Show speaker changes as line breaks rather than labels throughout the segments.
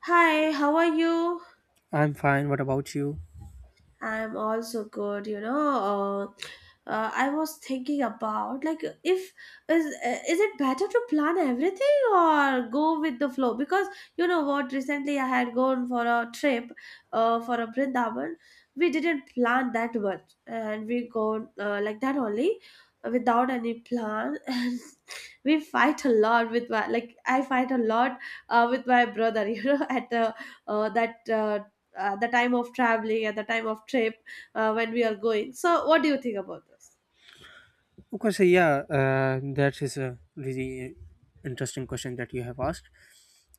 Hi, how are you?
I'm fine. What about you?
I'm also good, I was thinking about like if is is it better to plan everything or go with the flow? Because recently I had gone for a trip for a Brindavan. We didn't plan that much and we go like that only without any plan and we fight a lot with my like I fight a lot with my brother, at the that at the time of traveling at the time of trip when we are going. So what do you think about this?
Okay, so yeah, that is a really interesting question that you have asked,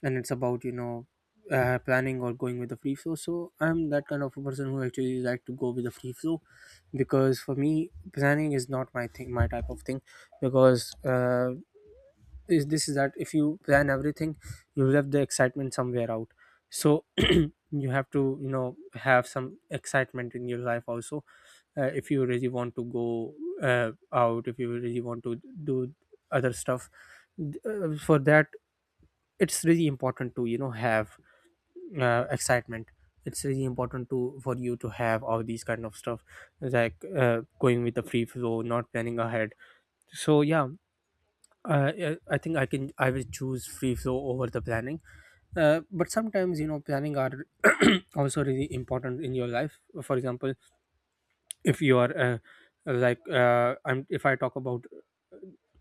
and it's about planning or going with the free flow. So I'm that kind of a person who actually like to go with the free flow, because for me planning is not my thing, my type of thing, because is that if you plan everything you will have the excitement somewhere out, so you have to, you know, have some excitement in your life also. If you really want to go out, if you really want to do other stuff, for that it's really important to, you know, have excitement. It's really important to, for you to have all these kind of stuff, like going with the free flow, not planning ahead. So yeah, yeah, I think I can, I will choose free flow over the planning. But sometimes, you know, planning are also really important in your life. For example, if you are I'm, if I talk about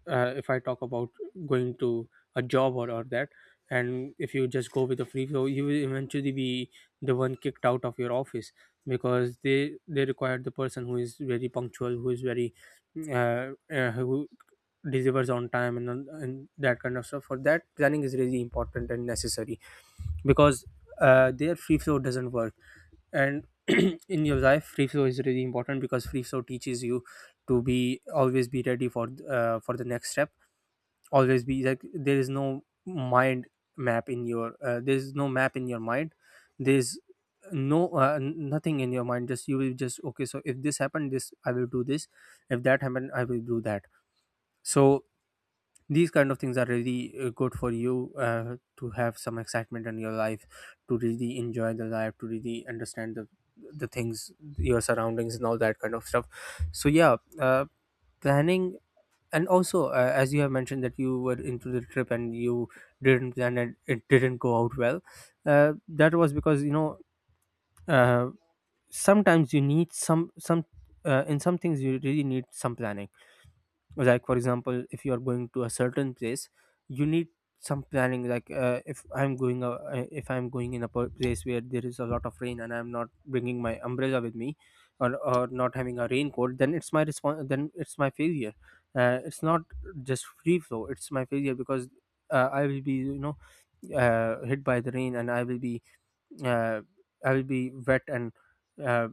uh, if I talk about going to a job, or that, and if you just go with a free flow, you will eventually be the one kicked out of your office, because they require the person who is very punctual, who is very who delivers on time, and that kind of stuff. For that, planning is really important and necessary, because their free flow doesn't work. And in your life free flow is really important, because free flow teaches you to be always be ready for, for the next step, always be like there is no mind map in your there is no map in your mind. There's no nothing in your mind, just you will just okay, so if this happened, this I will do this, if that happened I will do that. So these kind of things are really good for you to have some excitement in your life, to really enjoy the life, to really understand the things, your surroundings and all that kind of stuff. So yeah, planning. And also as you have mentioned that you were into the trip and you didn't plan and it didn't go out well, that was because, you know, uh, sometimes you need some in some things you really need some planning. Like for example, if you are going to a certain place, you need some planning. Like if I'm going, if I'm going in a place where there is a lot of rain and I'm not bringing my umbrella with me, or not having a raincoat, then it's my response, then it's my failure. It's not just free flow, it's my failure, because I will be, you know, hit by the rain, and I will be uh, I will be wet and uh,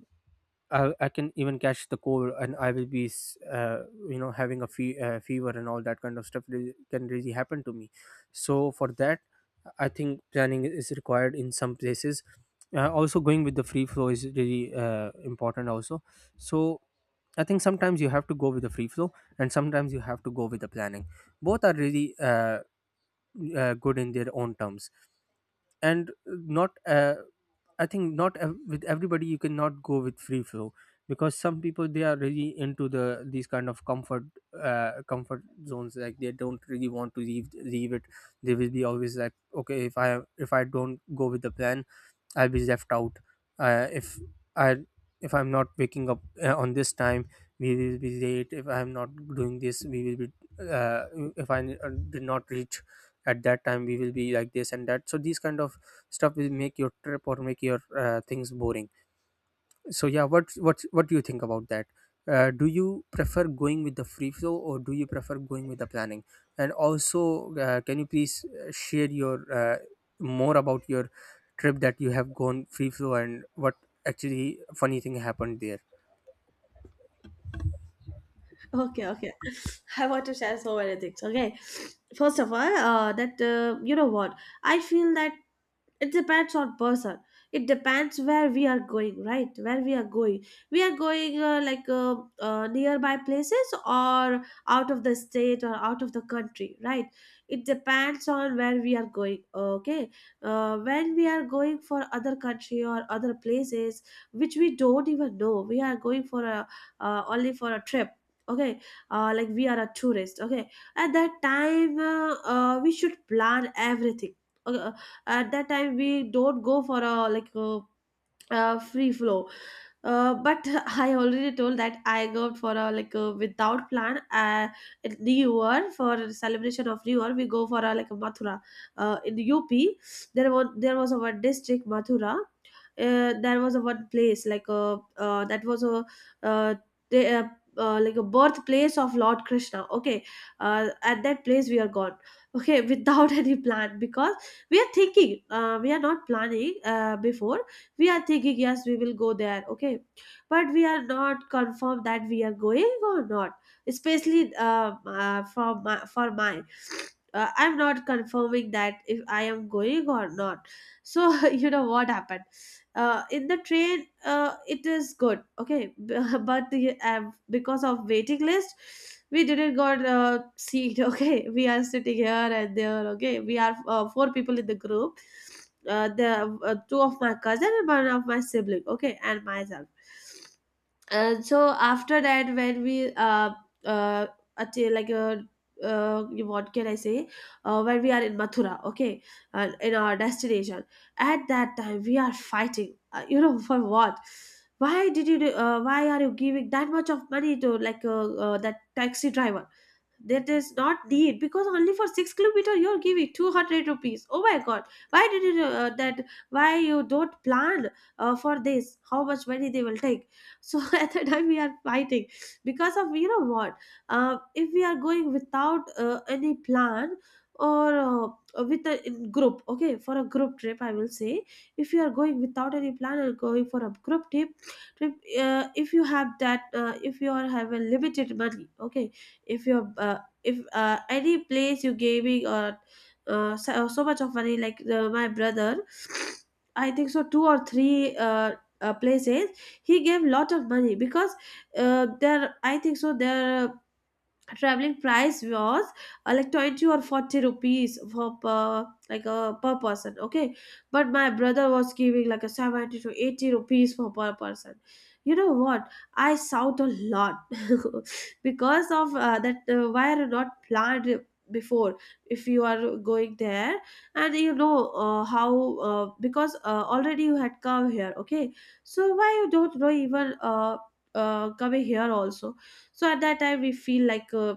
I can even catch the cold, and I will be, you know, having a fever and all that kind of stuff, really, can really happen to me. So for that, I think planning is required in some places. Also, going with the free flow is really important. Also, so I think sometimes you have to go with the free flow, and sometimes you have to go with the planning. Both are really good in their own terms, and not I think, not with everybody you cannot go with free flow, because some people they are really into the these kind of comfort, comfort zones, like they don't really want to leave it. They will be always like, okay, if I, if I don't go with the plan, I'll be left out. If I, if I'm not waking up on this time, we will be late. If I'm not doing this, we will be uh, if I did not reach at that time, we will be like this and that. So these kind of stuff will make your trip or make your things boring. So yeah, what what do you think about that? Do you prefer going with the free flow, or do you prefer going with the planning? And also can you please share your more about your trip that you have gone free flow, and what actually funny thing happened there?
Okay, okay. I want to share so many things. Okay, first of all, that you know what I feel that it depends on person. It depends where we are going, right? Where we are going, we are going nearby places or out of the state or out of the country, right? It depends on where we are going. Okay, when we are going for other country or other places which we don't even know, we are going for a only for a trip, okay? Like we are a tourist, okay? At that time we should plan everything, okay? At that time we don't go for a like a free flow. But I already told that I go for a like a without plan in New Year. For celebration of New Year we go for a like a Mathura in UP. There was a one district Mathura, there was a one place like a that was a uh, they, uh, like a birthplace of Lord Krishna, okay? At that place we are gone, okay. Without any plan, because we are thinking, we are not planning before. We are thinking yes, we will go there, okay, but we are not confirmed that we are going or not. Especially for my, for mine, I'm not confirming that if I am going or not. So you know what happened? In the train it is good, okay. But the, because of waiting list, we didn't got seat. Okay, we are sitting here and there. Okay, we are four people in the group, the two of my cousin and one of my sibling, okay, and myself. So after that when we uh achieve like a what can I say? When we are in Mathura, okay, and in our destination, at that time we are fighting. You know, for what? Why did you uh, why are you giving that much of money to like that taxi driver? That is not need, because only for 6 km you're giving 200 rupees. Oh my god, why did you that why you don't plan for this how much money they will take? So at the time we are fighting because of you know what, if we are going without any plan or with a in group, okay, for a group trip I will say. If you are going without any plan or going for a group trip, if you have that if you are have a limited money, okay, if you're if any place you gaming or so much of money like the, my brother, I think so two or three places. He gave lot of money, because there I think so there traveling price was like 20 or 40 rupees for per like per person, okay, but my brother was giving like a 70 to 80 rupees for per person. You know what, I shout a lot because of that why are not planned before. If you are going there, and you know how because already you had come here, okay, so why you don't know even coming here also. So at that time we feel like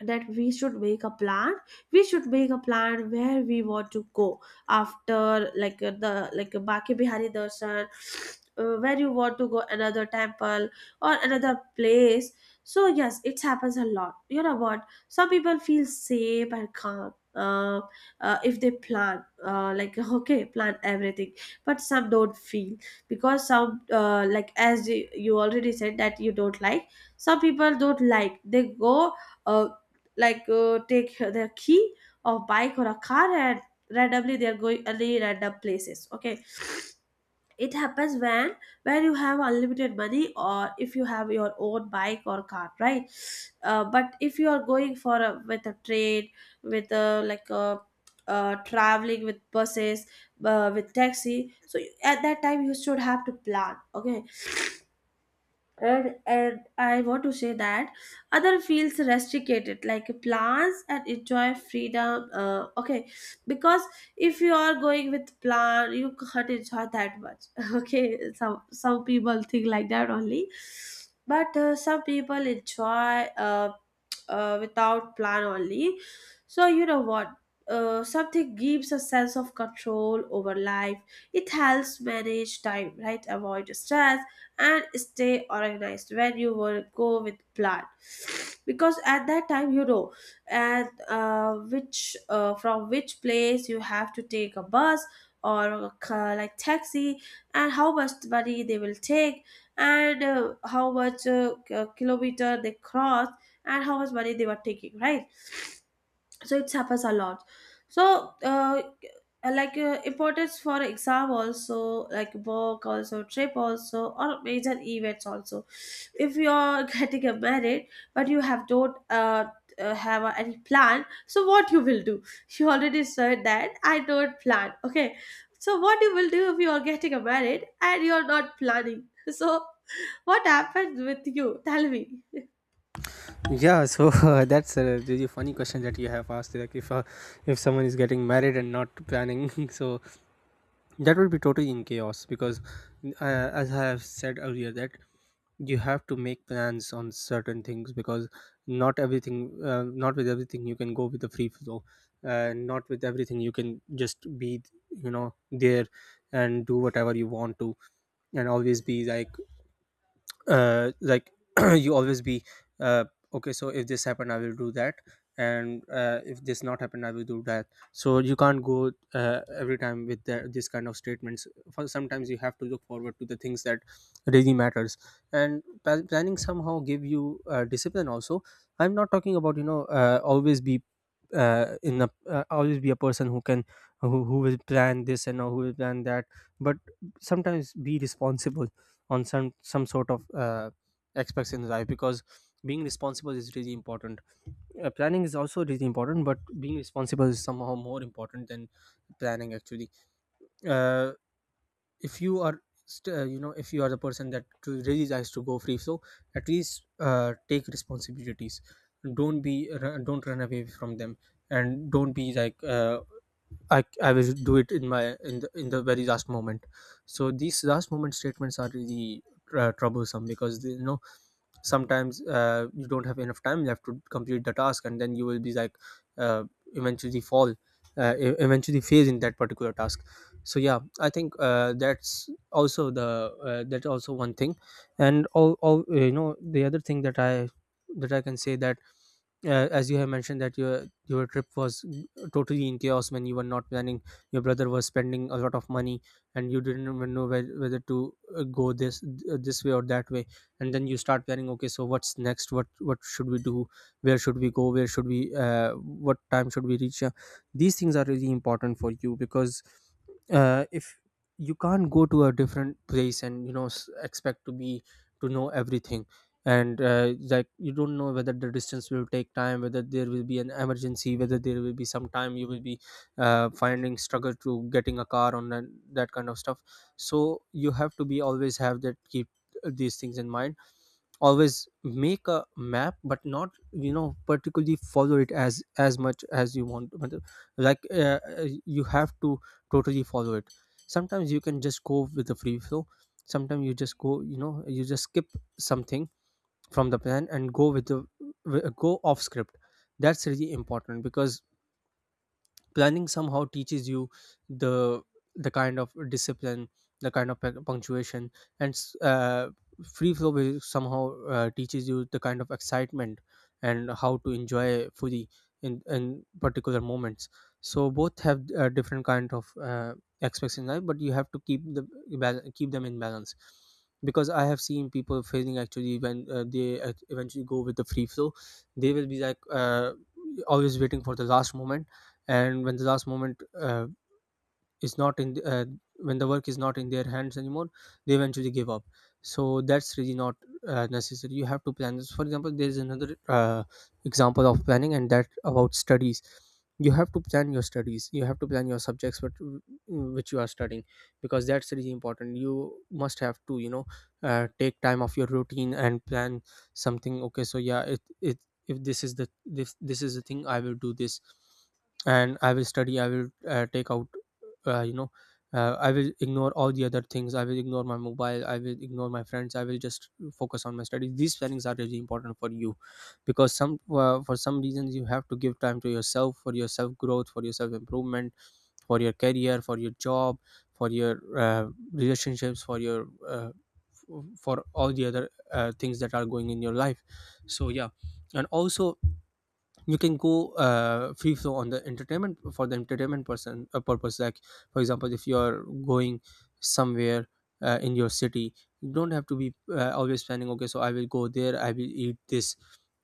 that we should make a plan. We should make a plan where we want to go after like the like baki bihari darshan. Uh, where you want to go, another temple or another place. So yes, it happens a lot. You know what, some people feel safe and calm if they plan, like okay, plan everything, but some don't feel. Because some like as you already said that you don't like, some people don't like. They go uh, like take their key of bike or a car and randomly they are going only random places, okay. It happens when you have unlimited money or if you have your own bike or car, right? But if you are going for a, with a train, with a like a traveling with buses, with taxi, so at that time you should have to plan, okay. And I want to say that other feels restricted like plans and enjoy freedom, okay, because if you are going with plan, you can't enjoy that much. Okay, some people think like that only, but some people enjoy uh, without plan only. So you know what, something gives a sense of control over life. It helps manage time, right, avoid stress and stay organized, when you will go with plan, because at that time you know and which from which place you have to take a bus or a like taxi, and how much money they will take, and kilometer they cross, and how much money they were taking, right? So it suffers a lot. So like importance for exam also, like work also, trip also, or major events also. If you're getting a married, but you have don't have any plan, so what you will do? You already said that I don't plan, okay, so what you will do if you are getting a married and you are not planning? So what happens with you, tell me.
Yeah, so that's a really funny question that you have asked, like if someone is getting married and not planning, so that would be totally in chaos. Because uh, as I have said earlier that you have to make plans on certain things, because not everything, not with everything you can go with the free flow, not with everything you can just be, you know, there and do whatever you want to, and always be like uh, like you always be uh, okay so if this happened I will do that, and if this not happened I will do that. So you can't go every time with the, this kind of statements. For sometimes you have to look forward to the things that really matters. And planning somehow give you discipline also. I'm not talking about, you know, always be in a always be a person who can, who will plan this and who will plan that. But sometimes be responsible on some sort of aspects in life, because being responsible is really important. Planning is also really important, but being responsible is somehow more important than planning actually. uh, if you are you know, if you are the person that to really likes to go free, so at least take responsibilities, don't be don't run away from them, and don't be like I will do it in my in the very last moment. So these last moment statements are really troublesome, because they, you know, sometimes you don't have enough time left to complete the task, and then you will be like uh, eventually fall, eventually fail in that particular task. So yeah, I think that's also the that's also one thing. And all you know, the other thing that I that I can say that as you have mentioned that your trip was totally in chaos when you were not planning, your brother was spending a lot of money, and you didn't even know whether to go this this way or that way. And then you start planning, okay, so what's next, what should we do, where should we go, where should we what time should we reach. These things are really important for you, because if you can't go to a different place and, you know, expect to be, to know everything. And like you don't know whether the distance will take time, whether there will be an emergency, whether there will be some time you will be finding struggle to getting a car on that, that kind of stuff. So you have to be, always have that, keep these things in mind. Always make a map, but not, you know, particularly follow it as much as you want. But, like You have to totally follow it. Sometimes you can just go with the free flow, sometimes you just go, you know, you just skip something from the plan and go with the go off script. That's really important, because planning somehow teaches you the the kind of discipline, the kind of punctuation, and free flow will somehow teaches you the kind of excitement and how to enjoy fully in particular moments. So both have different kind of aspects in life, but you have to keep the keep them in balance. Because I have seen people failing actually when they eventually go with the free flow. They will be like always waiting for the last moment, and when the last moment is not in the, when the work is not in their hands anymore, they eventually give up. So that's really not necessary. You have to plan this. For example, there is another example of planning, and that about studies. You have to plan your studies, you have to plan your subjects, but which you are studying, because that's really important. You must have to, you know, take time off your routine and plan something. Okay, so yeah, it, if this is the this is the thing I will do this And I will study. I will take out uh, you know I will ignore all the other things. I will ignore my mobile, I will ignore my friends, I will just focus on my studies. These plannings are really important for you because some for some reasons you have to give time to yourself, for your self growth, for your self improvement, for your career, for your job, for your uh, relationships, for your for all the other things that are going in your life. So yeah. And also you can go free flow on the entertainment, for the entertainment person purpose. Like for example, if you are going somewhere in your city, you don't have to be always planning, okay so I will go there, I will eat this,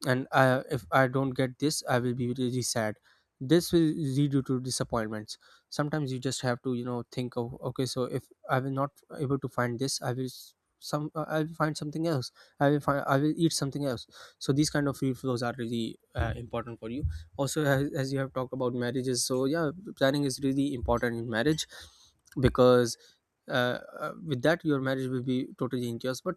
and if I don't get this I will be really sad. This will lead you to disappointments. Sometimes you just have to, you know, think of, okay so if I will not able to find this I will s- some I will find something else, I will find. I will eat something else. So these kind of free flows are really important for you. Also, as you have talked about marriages, so yeah, planning is really important in marriage because with that your marriage will be totally in chaos. But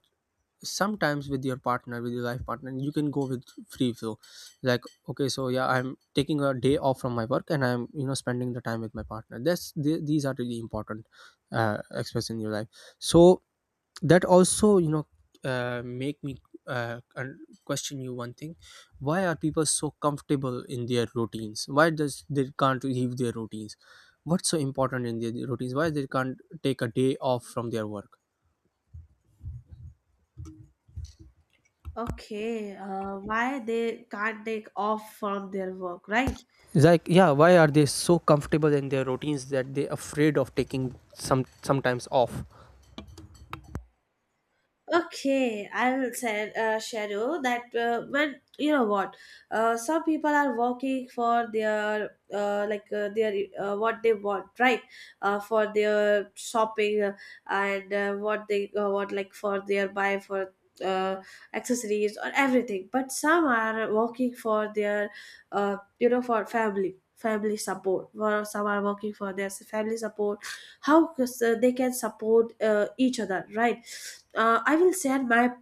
sometimes with your partner, with your life partner, you can go with free flow. Like, okay so yeah, I'm taking a day off from my work and I'm, you know, spending the time with my partner. These are really important aspects in your life. So that also, you know, make me uh, un- question you one thing. Why are people so comfortable in their routines? Why does they can't leave their routines? What's so important in their routines? Why they can't take a day off from their work?
Okay, why they can't take off from their work, right?
It's like, yeah, why are they so comfortable in their routines that they're afraid of taking some sometimes off?
Okay, I'll say, share you that when you know what, some people are working for their their what they want, right? For their shopping and what they want, like for their buy for uh, accessories or everything. But some are working for their you know, for family support, or some are working for their family support, how they can support each other, right? I will share my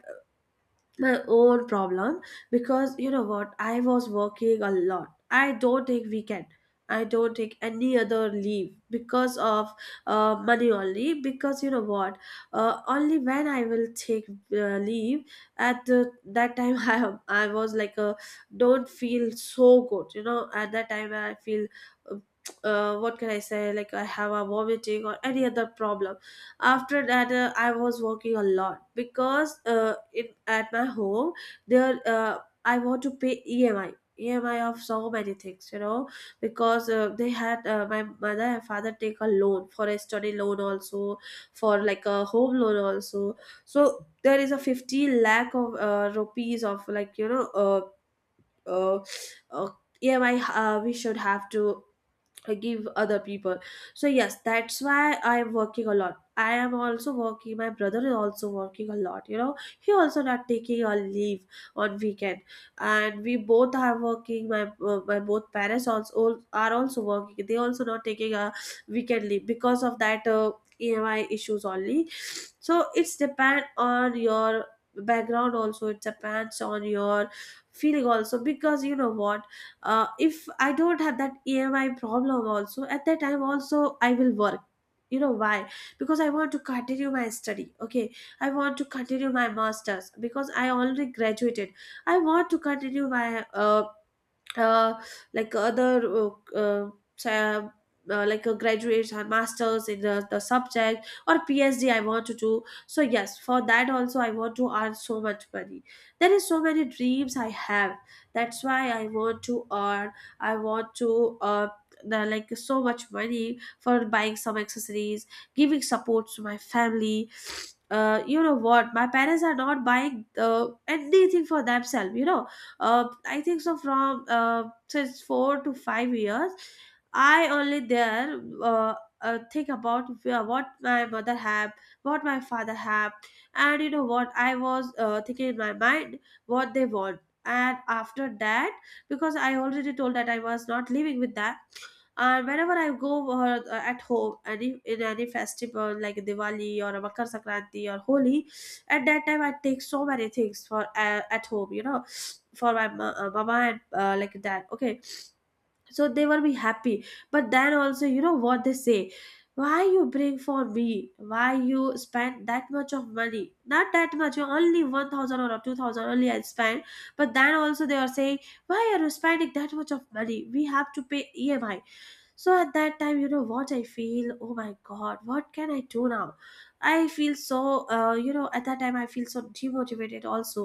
my own problem, because you know what, I was working a lot. I don't take weekend, I don't take any other leave because of money only, because you know what, only when I will take leave at the, that time, I was like a don't feel so good. You know, at that time I feel uh, what can I say, like I have a vomiting or any other problem. After that, I was working a lot, because at my home there I want to pay EMI, EMI of so many things, you know, because they had my mother and father take a loan, for a study loan also, for like a home loan also. So there is a 50 lakh of rupees of like you know uh, uh, EMI we should have to I give other people. So yes, that's why I'm working a lot. I am also working, my brother is also working a lot, you know, he also not taking a leave on weekend. And we both are working, my my both parents also are also working, they also not taking a weekend leave, because of that EMI issues only. So it's depend on your background also, it depends on your feeling also, because you know what, if I don't have that EMI problem also, at that time also I will work. You know why? Because I want to continue my study, okay. I want to continue my masters, because I already graduated. I want to continue my uh, like other sa- like a graduates or masters in the subject, or PhD I want to do. So yes, for that also, I want to earn so much money. There is so many dreams I have, that's why I want to earn. I want to like so much money for buying some accessories, giving support to my family. Uh, you know what, my parents are not buying anything for themselves. I think so from since 4 to 5 years I only there think about what my mother have, what my father have. And you know what, I was thinking in my mind what they want. And after that, because I already told that I was not living with that. And whenever I go at home, any in any festival like Diwali or Makar Sankranti or Holi, at that time I take so many things for at home, you know, for my mama and like that. Okay, so they will be happy. But then also, you know what they say. Why you bring for me? Why you spend that much of money? Not that much, only 1,000 or 2,000 only I spend. But then also they are saying, why are you spending that much of money? We have to pay EMI. So at that time, you know what I feel, oh my god, what can I do now? I feel so, you know, at that time I feel so demotivated also.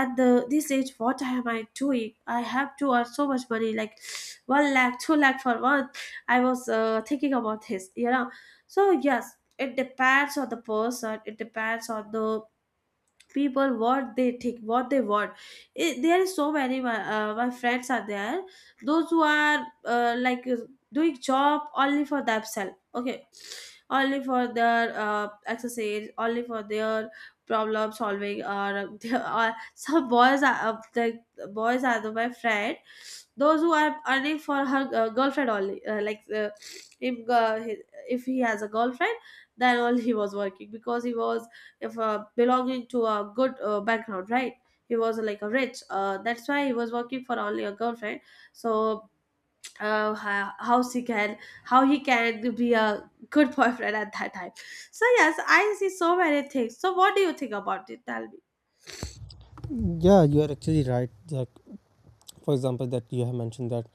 At the this age, what am I doing? I have to earn so much money, like one lakh, two lakh for month. I was thinking about this, you know. So yes, it depends on the person, it depends on the people, what they think, what they want. There is so many my friends are there, those who are like doing job only for themselves, okay, only for their exercise, only for their problem solving, or or some boys are the boys are my friend, those who are earning for her girlfriend only. If if he has a girlfriend, then only he was working, because he was, if belonging to a good background, right, he was like a rich that's why he was working for only a girlfriend. So how he can, how he can be a good boyfriend at that time. So yes, I see so many things. So what do you think about it? Tell me.
Yeah, you are actually right. Like, for example, that you have mentioned that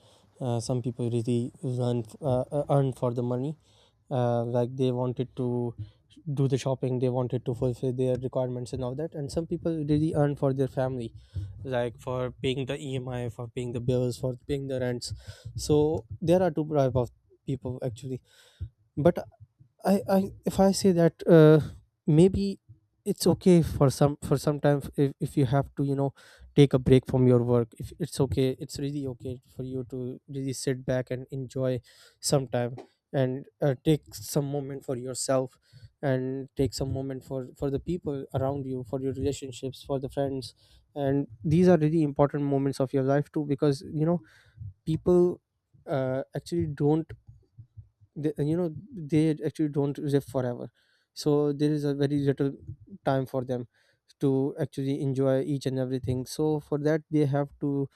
some people really run earn for the money. Like, they wanted to do the shopping, they wanted to fulfill their requirements and all that, and some people really earn for their family, like for paying the emi, for paying the bills, for paying the rents. So there are two type of people actually. But I, if I say that maybe it's okay for some, for some time, if you have to, you know, take a break from your work, if it's okay, it's really okay for you to really sit back and enjoy some time and take some moment for yourself, and take some moment for the people around you, for your relationships, for the friends. And these are really important moments of your life too, because, you know, people actually don't they, you know, they actually don't live forever. So there is a very little time for them to actually enjoy each and everything. So for that, they have to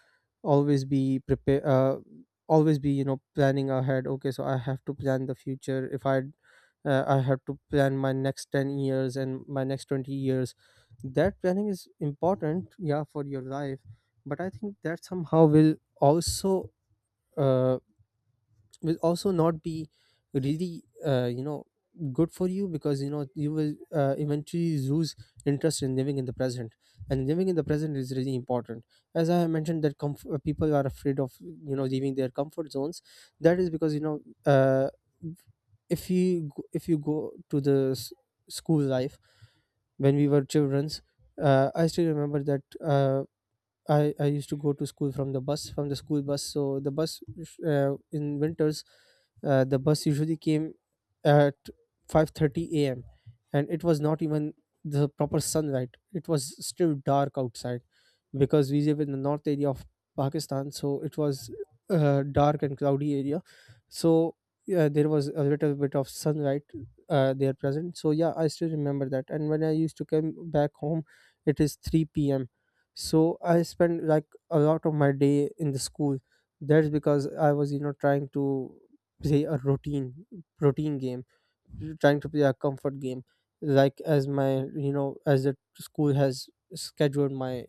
always be prepare, always be, you know, planning ahead. Okay, so I have to plan the future. If I I have to plan my next 10 years and my next 20 years. That planning is important, yeah, for your life. But I think that somehow also uh, will also not be really you know, good for you, because, you know, you will eventually lose interest in living in the present. And living in the present is really important. As I have mentioned, that people are afraid of, you know, leaving their comfort zones. That is because, you know, uh, if you go to the school life, when we were children's, I still remember that uh, I used to go to school from the bus, from the school bus. So the bus, in winters, the bus usually came at 5:30 a.m. And it was not even the proper sunlight, it was still dark outside, because we live in the north area of Pakistan. So it was dark and cloudy area. So yeah, there was a little bit of sunlight there present. So yeah, I still remember that. And when I used to come back home, it is 3 p.m. So I spent like a lot of my day in the school. That's because I was, you know, trying to play a routine game, trying to play a comfort game. Like, as my, you know, as the school has scheduled my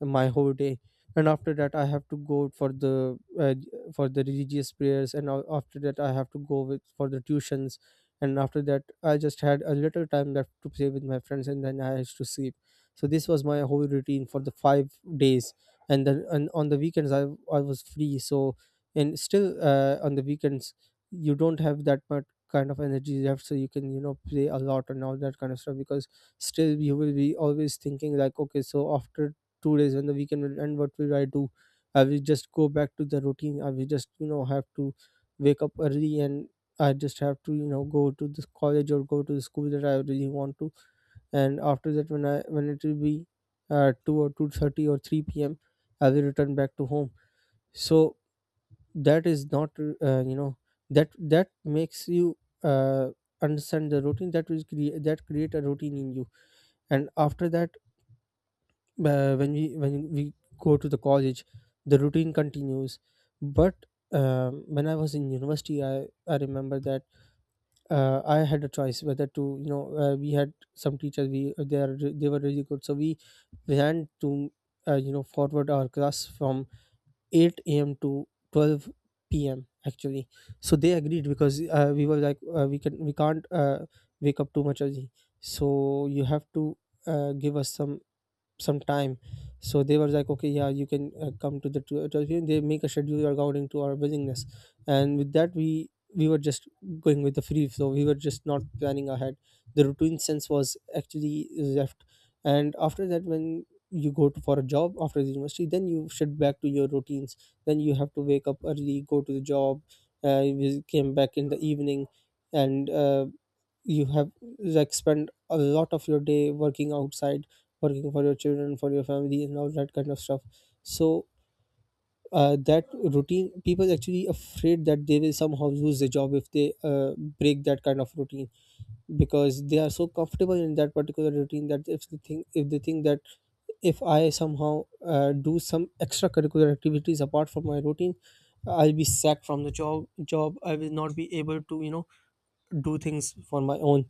my whole day. And after that I have to go for the religious prayers, and after that I have to go with for the tuitions. And after that I just had a little time left to play with my friends, and then I had to sleep. So this was my whole routine for the 5 days. And then, and on the weekends I was free. So, and still on the weekends you don't have that much kind of energy left, so you can, you know, play a lot and all that kind of stuff. Because still you will be always thinking like, okay, so after 2 days and the weekend, and what will I do? I will just go back to the routine. I will just, you know, have to wake up early, and I just have to, you know, go to this college or go to the school that I really want to. And after that, when I, when it will be 2 or 2:30 or 3 p.m, I will return back to home. So that is not you know, that makes you uh, understand the routine. That create a routine in you. And after that, when we go to the college, the routine continues. But when I was in university, I remember that I had a choice whether to, you know, we had some teachers, we they are re- they were really good, so we planned to you know, forward our class from 8 a.m to 12 p.m actually. So they agreed, because we were like, we can't wake up too much early, so you have to give us some time. So they were like, okay yeah, you can come to the tw- 12 p.m. They make a schedule according to our willingness. And with that, we were just going with the free flow. We were just not planning ahead. The routine sense was actually left. And after that, when you go to, for a job after the university, then you shift back to your routines. Then you have to wake up early, go to the job. You came back in the evening. And you have like spent a lot of your day working outside, working for your children, for your family, and all that kind of stuff. So that routine, people are actually afraid that they will somehow lose the job if they break that kind of routine. Because they are so comfortable in that particular routine that if they think that if I somehow do some extracurricular activities apart from my routine, I'll be sacked from the job. I will not be able to, you know, do things for my own.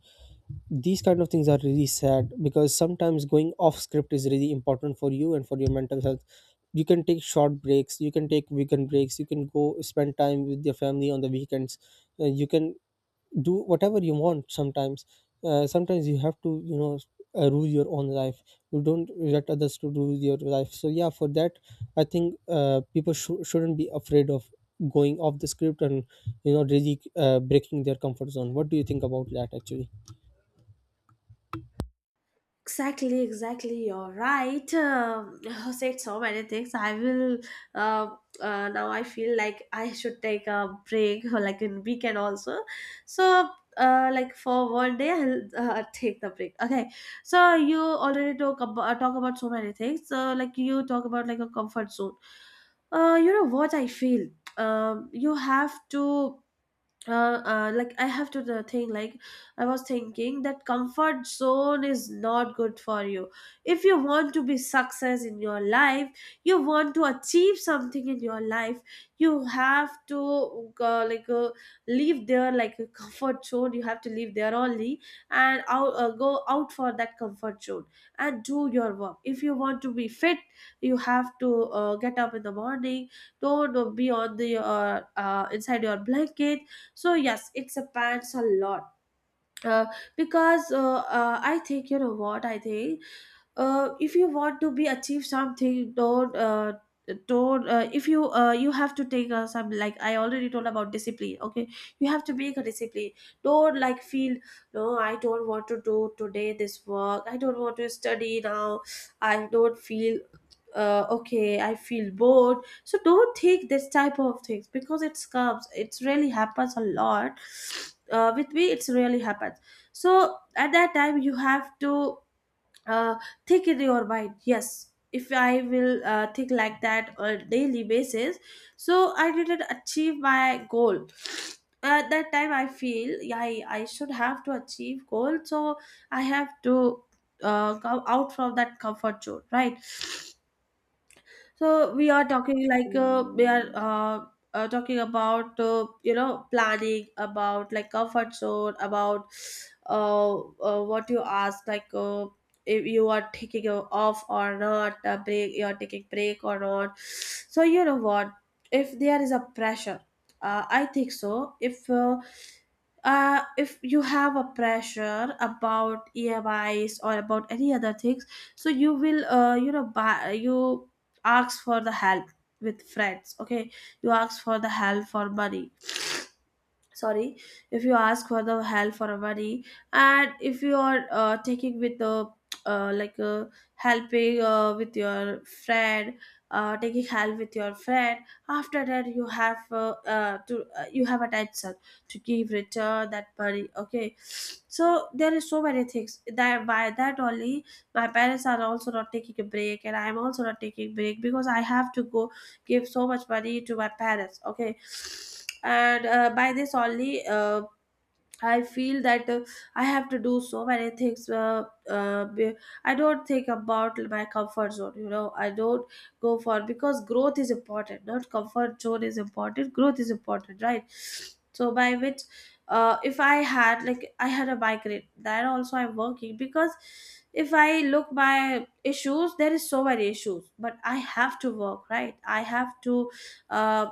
These kind of things are really sad, because sometimes going off script is really important for you and for your mental health. You can take short breaks, you can take weekend breaks, you can go spend time with your family on the weekends. You can do whatever you want. Sometimes you have to, you know, rule your own life. You don't let others to rule your life. So yeah, for that I think shouldn't be afraid of going off the script and, you know, really breaking their comfort zone. What do you think about that actually?
Exactly, exactly. You're right. You said so many things. I will. Uh, Now I feel like I should take a break, or like in weekend also. So, like for one day, I'll take the break. Okay. So you already talk about so many things. So like you talk about like a comfort zone. You know what I feel. You have to like I have to the thing like I was thinking that comfort zone is not good for you. If you want to be success in your life, you want to achieve something in your life, you have to leave there like a comfort zone. You have to leave there only, and out go out for that comfort zone and do your work. If you want to be fit, you have to get up in the morning. Don't be on the inside your blanket. So yes, it depends a lot, uh, because I think you know what I think. If you want to be achieve something, don't if you you have to take some, like I already told about discipline, okay, you have to make a discipline. Don't like feel no, I don't want to do today this work, I don't want to study now, I don't feel okay, I feel bored. So don't take this type of things, because it's comes it's really happens a lot with me, it's really happens. So at that time you have to uh, thick in your mind, yes, if I will think like that on daily basis, so I didn't achieve my goal. At that time I feel, yeah, I should have to achieve goal. So I have to come out from that comfort zone, right? So we are talking like we are talking about you know, planning about like comfort zone, about what you ask, like if you are taking a off or not, a break you are taking break or not. So you know what, if there is a pressure, I think so if you have a pressure about EMIs or about any other things, so you will, you know, buy, you ask for the help with friends. Okay, you ask for the help for money. Sorry, if you ask for the help for a worry, and if you are taking with the uh, like uh, helping with your friend, taking help with your friend. After that you have to you have attention to give return that money, okay. So there is so many things that, by that only, my parents are also not taking a break, and I'm also not taking break because I have to go give so much money to my parents, okay. And by this only, I feel that I have to do so many things. I don't think about my comfort zone. You know, I don't go for, because growth is important, not comfort zone is important. Growth is important, right? So by which, if I had, like I had a migraine, that also I'm working. Because if I look my issues, there is so many issues. But I have to work, right? I have to Uh,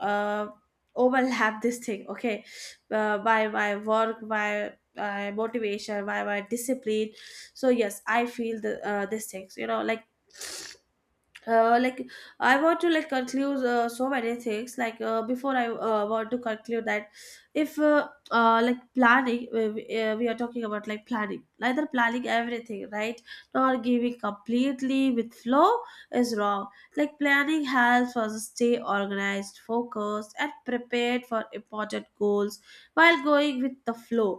uh, overlap this thing, okay, by my work, by my motivation, by my discipline. So yes, I feel the these things, you know, like I want to like conclude so many things, like before I want to conclude that, if like planning, we are talking about like planning, neither planning everything, right, nor giving completely with flow, is wrong. Like planning helps us stay organized, focused and prepared for important goals, while going with the flow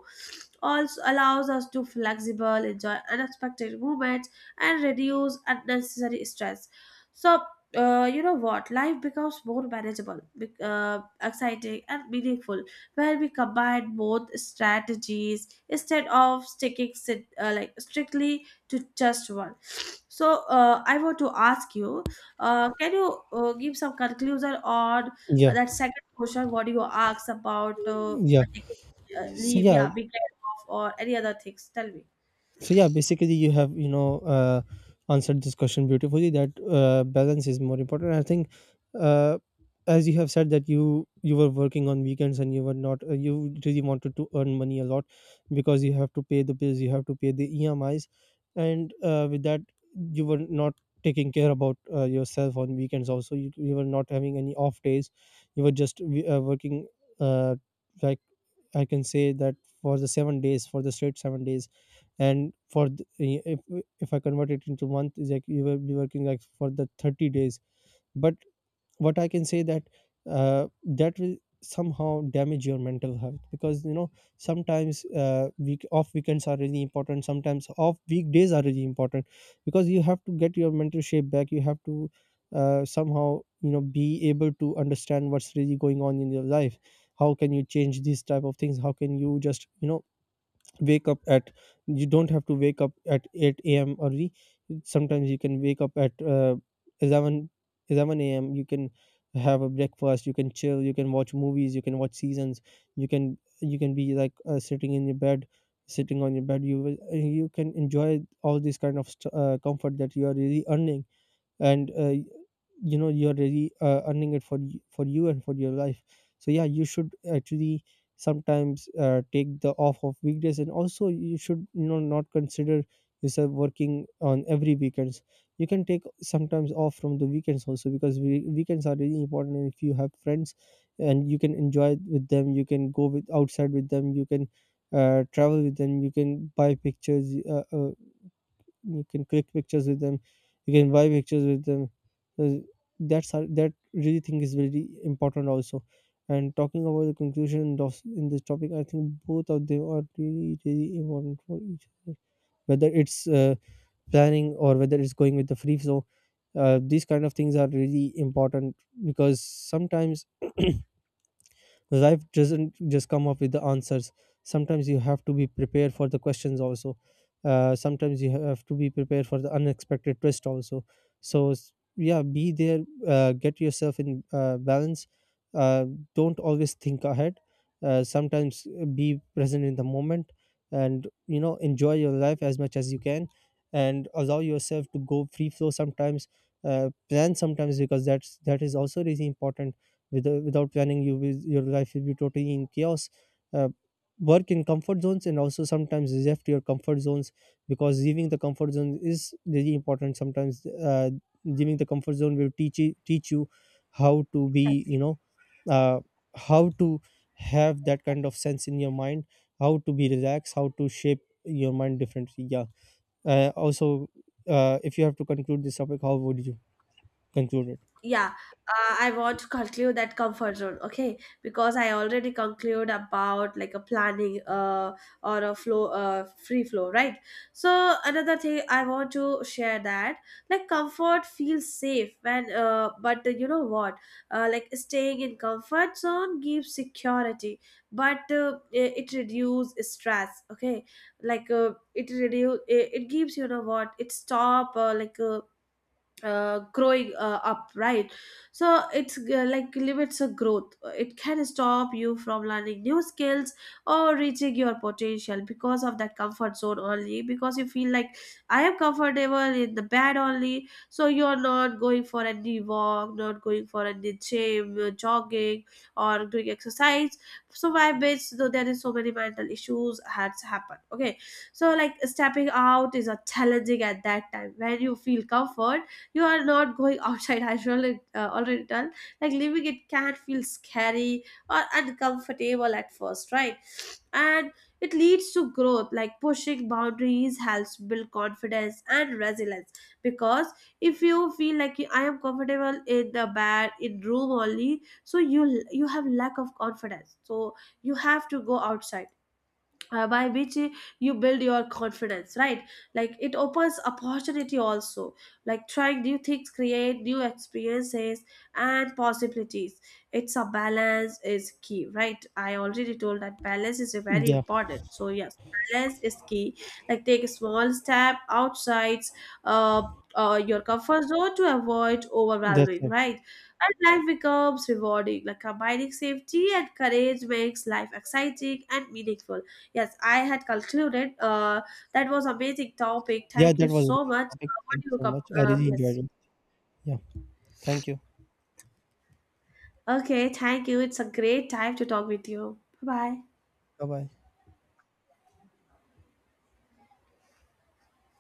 also allows us to flexible enjoy unexpected movements and reduce unnecessary stress. So, you know what? Life becomes more manageable, exciting, and meaningful where we combine both strategies instead of like strictly to just one. So, I want to ask you, can you give some conclusion on
Yeah.
that second question? What you asked about
Yeah.
taking
So
leave?
yeah,
Yeah, big off or any other things? Tell me
so yeah, basically you have, you know, answered this question beautifully, that balance is more important, I think. uh, as you have said that you were working on weekends, and you were not you really wanted to earn money a lot because you have to pay the bills, you have to pay the emis. And with that, you were not taking care about yourself. On weekends also you were not having any off days. You were just working, uh, like, I can say that for the 7 days, for the straight 7 days, and for the, if I convert it into month, is like you will be working like for the 30 days. But what I can say, that that will somehow damage your mental health, because, you know, sometimes week off weekends are really important, sometimes off weekdays are really important, because you have to get your mental shape back. You have to somehow, you know, be able to understand what's really going on in your life. How can you change these type of things? How can you just, you know, wake up at, you don't have to wake up at 8 a.m early. Sometimes you can wake up at 11 11 a.m. You can have a breakfast, you can chill, you can watch movies, you can watch seasons. You can be like sitting on your bed. You can enjoy all this kind of comfort that you are really earning. And you know, you're really earning it for you and for your life. So yeah, you should actually sometimes take the off of weekdays, and also you should, you know, not consider yourself working on every weekends. You can take sometimes off from the weekends also, because weekends are really important. And if you have friends, and you can enjoy with them, you can go with outside with them, you can travel with them, you can buy pictures you can click pictures with them. You can buy pictures with them. Uh, that really thing is very important also. And talking about the conclusion of in this topic, I think both of them are really really important for each other. Whether it's planning, or whether it's going with the free flow, these kind of things are really important, because sometimes life doesn't just come up with the answers. Sometimes you have to be prepared for the questions also. Sometimes you have to be prepared for the unexpected twist also. So yeah, be there, get yourself in balance. uh, don't always think ahead. Sometimes be present in the moment, and, you know, enjoy your life as much as you can, and allow yourself to go free flow sometimes. Plan sometimes, because that is also really important. Without planning, your life will be totally in chaos. Uh, Work in comfort zones, and also sometimes left your comfort zones, because leaving the comfort zone is really important. Sometimes leaving the comfort zone will teach teach you how to be,
exactly.
you know, uh, how to have that kind of sense in your mind, how to be relaxed, how to shape your mind differently. Yeah. Also, if you have to conclude this topic, how would you concluded?
Yeah, I want to conclude that comfort zone, okay, because I already conclude about like a planning or a flow, free flow, right. So another thing I want to share, that like comfort feels safe when but you know what, like staying in comfort zone gives security, but it reduces stress, okay. It gives, you know what, it stop growing up, right. So it's like limits a growth, it can stop you from learning new skills or reaching your potential because of that comfort zone only. Because you feel like I am comfortable in the bed only, so you're not going for any walk, not going for any gym, jogging or doing exercise. So my base though, there is so many mental issues has happened, okay. So like stepping out is a challenging at that time when you feel comfort, you are not going outside as well, already done. Like living, it can feel scary or uncomfortable at first, right? And it leads to growth, like pushing boundaries helps build confidence and resilience. Because if you feel like I am comfortable in the bed in room only, so you have lack of confidence. So you have to go outside, by which you build your confidence, right? Like it opens opportunity also, like trying new things create new experiences and possibilities. It's a balance is key, right? I already told that balance is very
Yeah,
important. So yes, balance is key. Like take a small step outside uh, your comfort zone to avoid
that's
overwhelming,
it.
right? And life becomes rewarding, like combining safety and courage makes life exciting and meaningful. Yes, I had concluded. That was amazing topic.
Yeah,
Thank you
that was a
so
good
much.
topic,
What
thank
do
you
you
so
com-
much, I really enjoyed
yes.
it. Yeah, thank you.
Okay, thank you. It's a great time to talk with you. Bye bye.
Bye bye.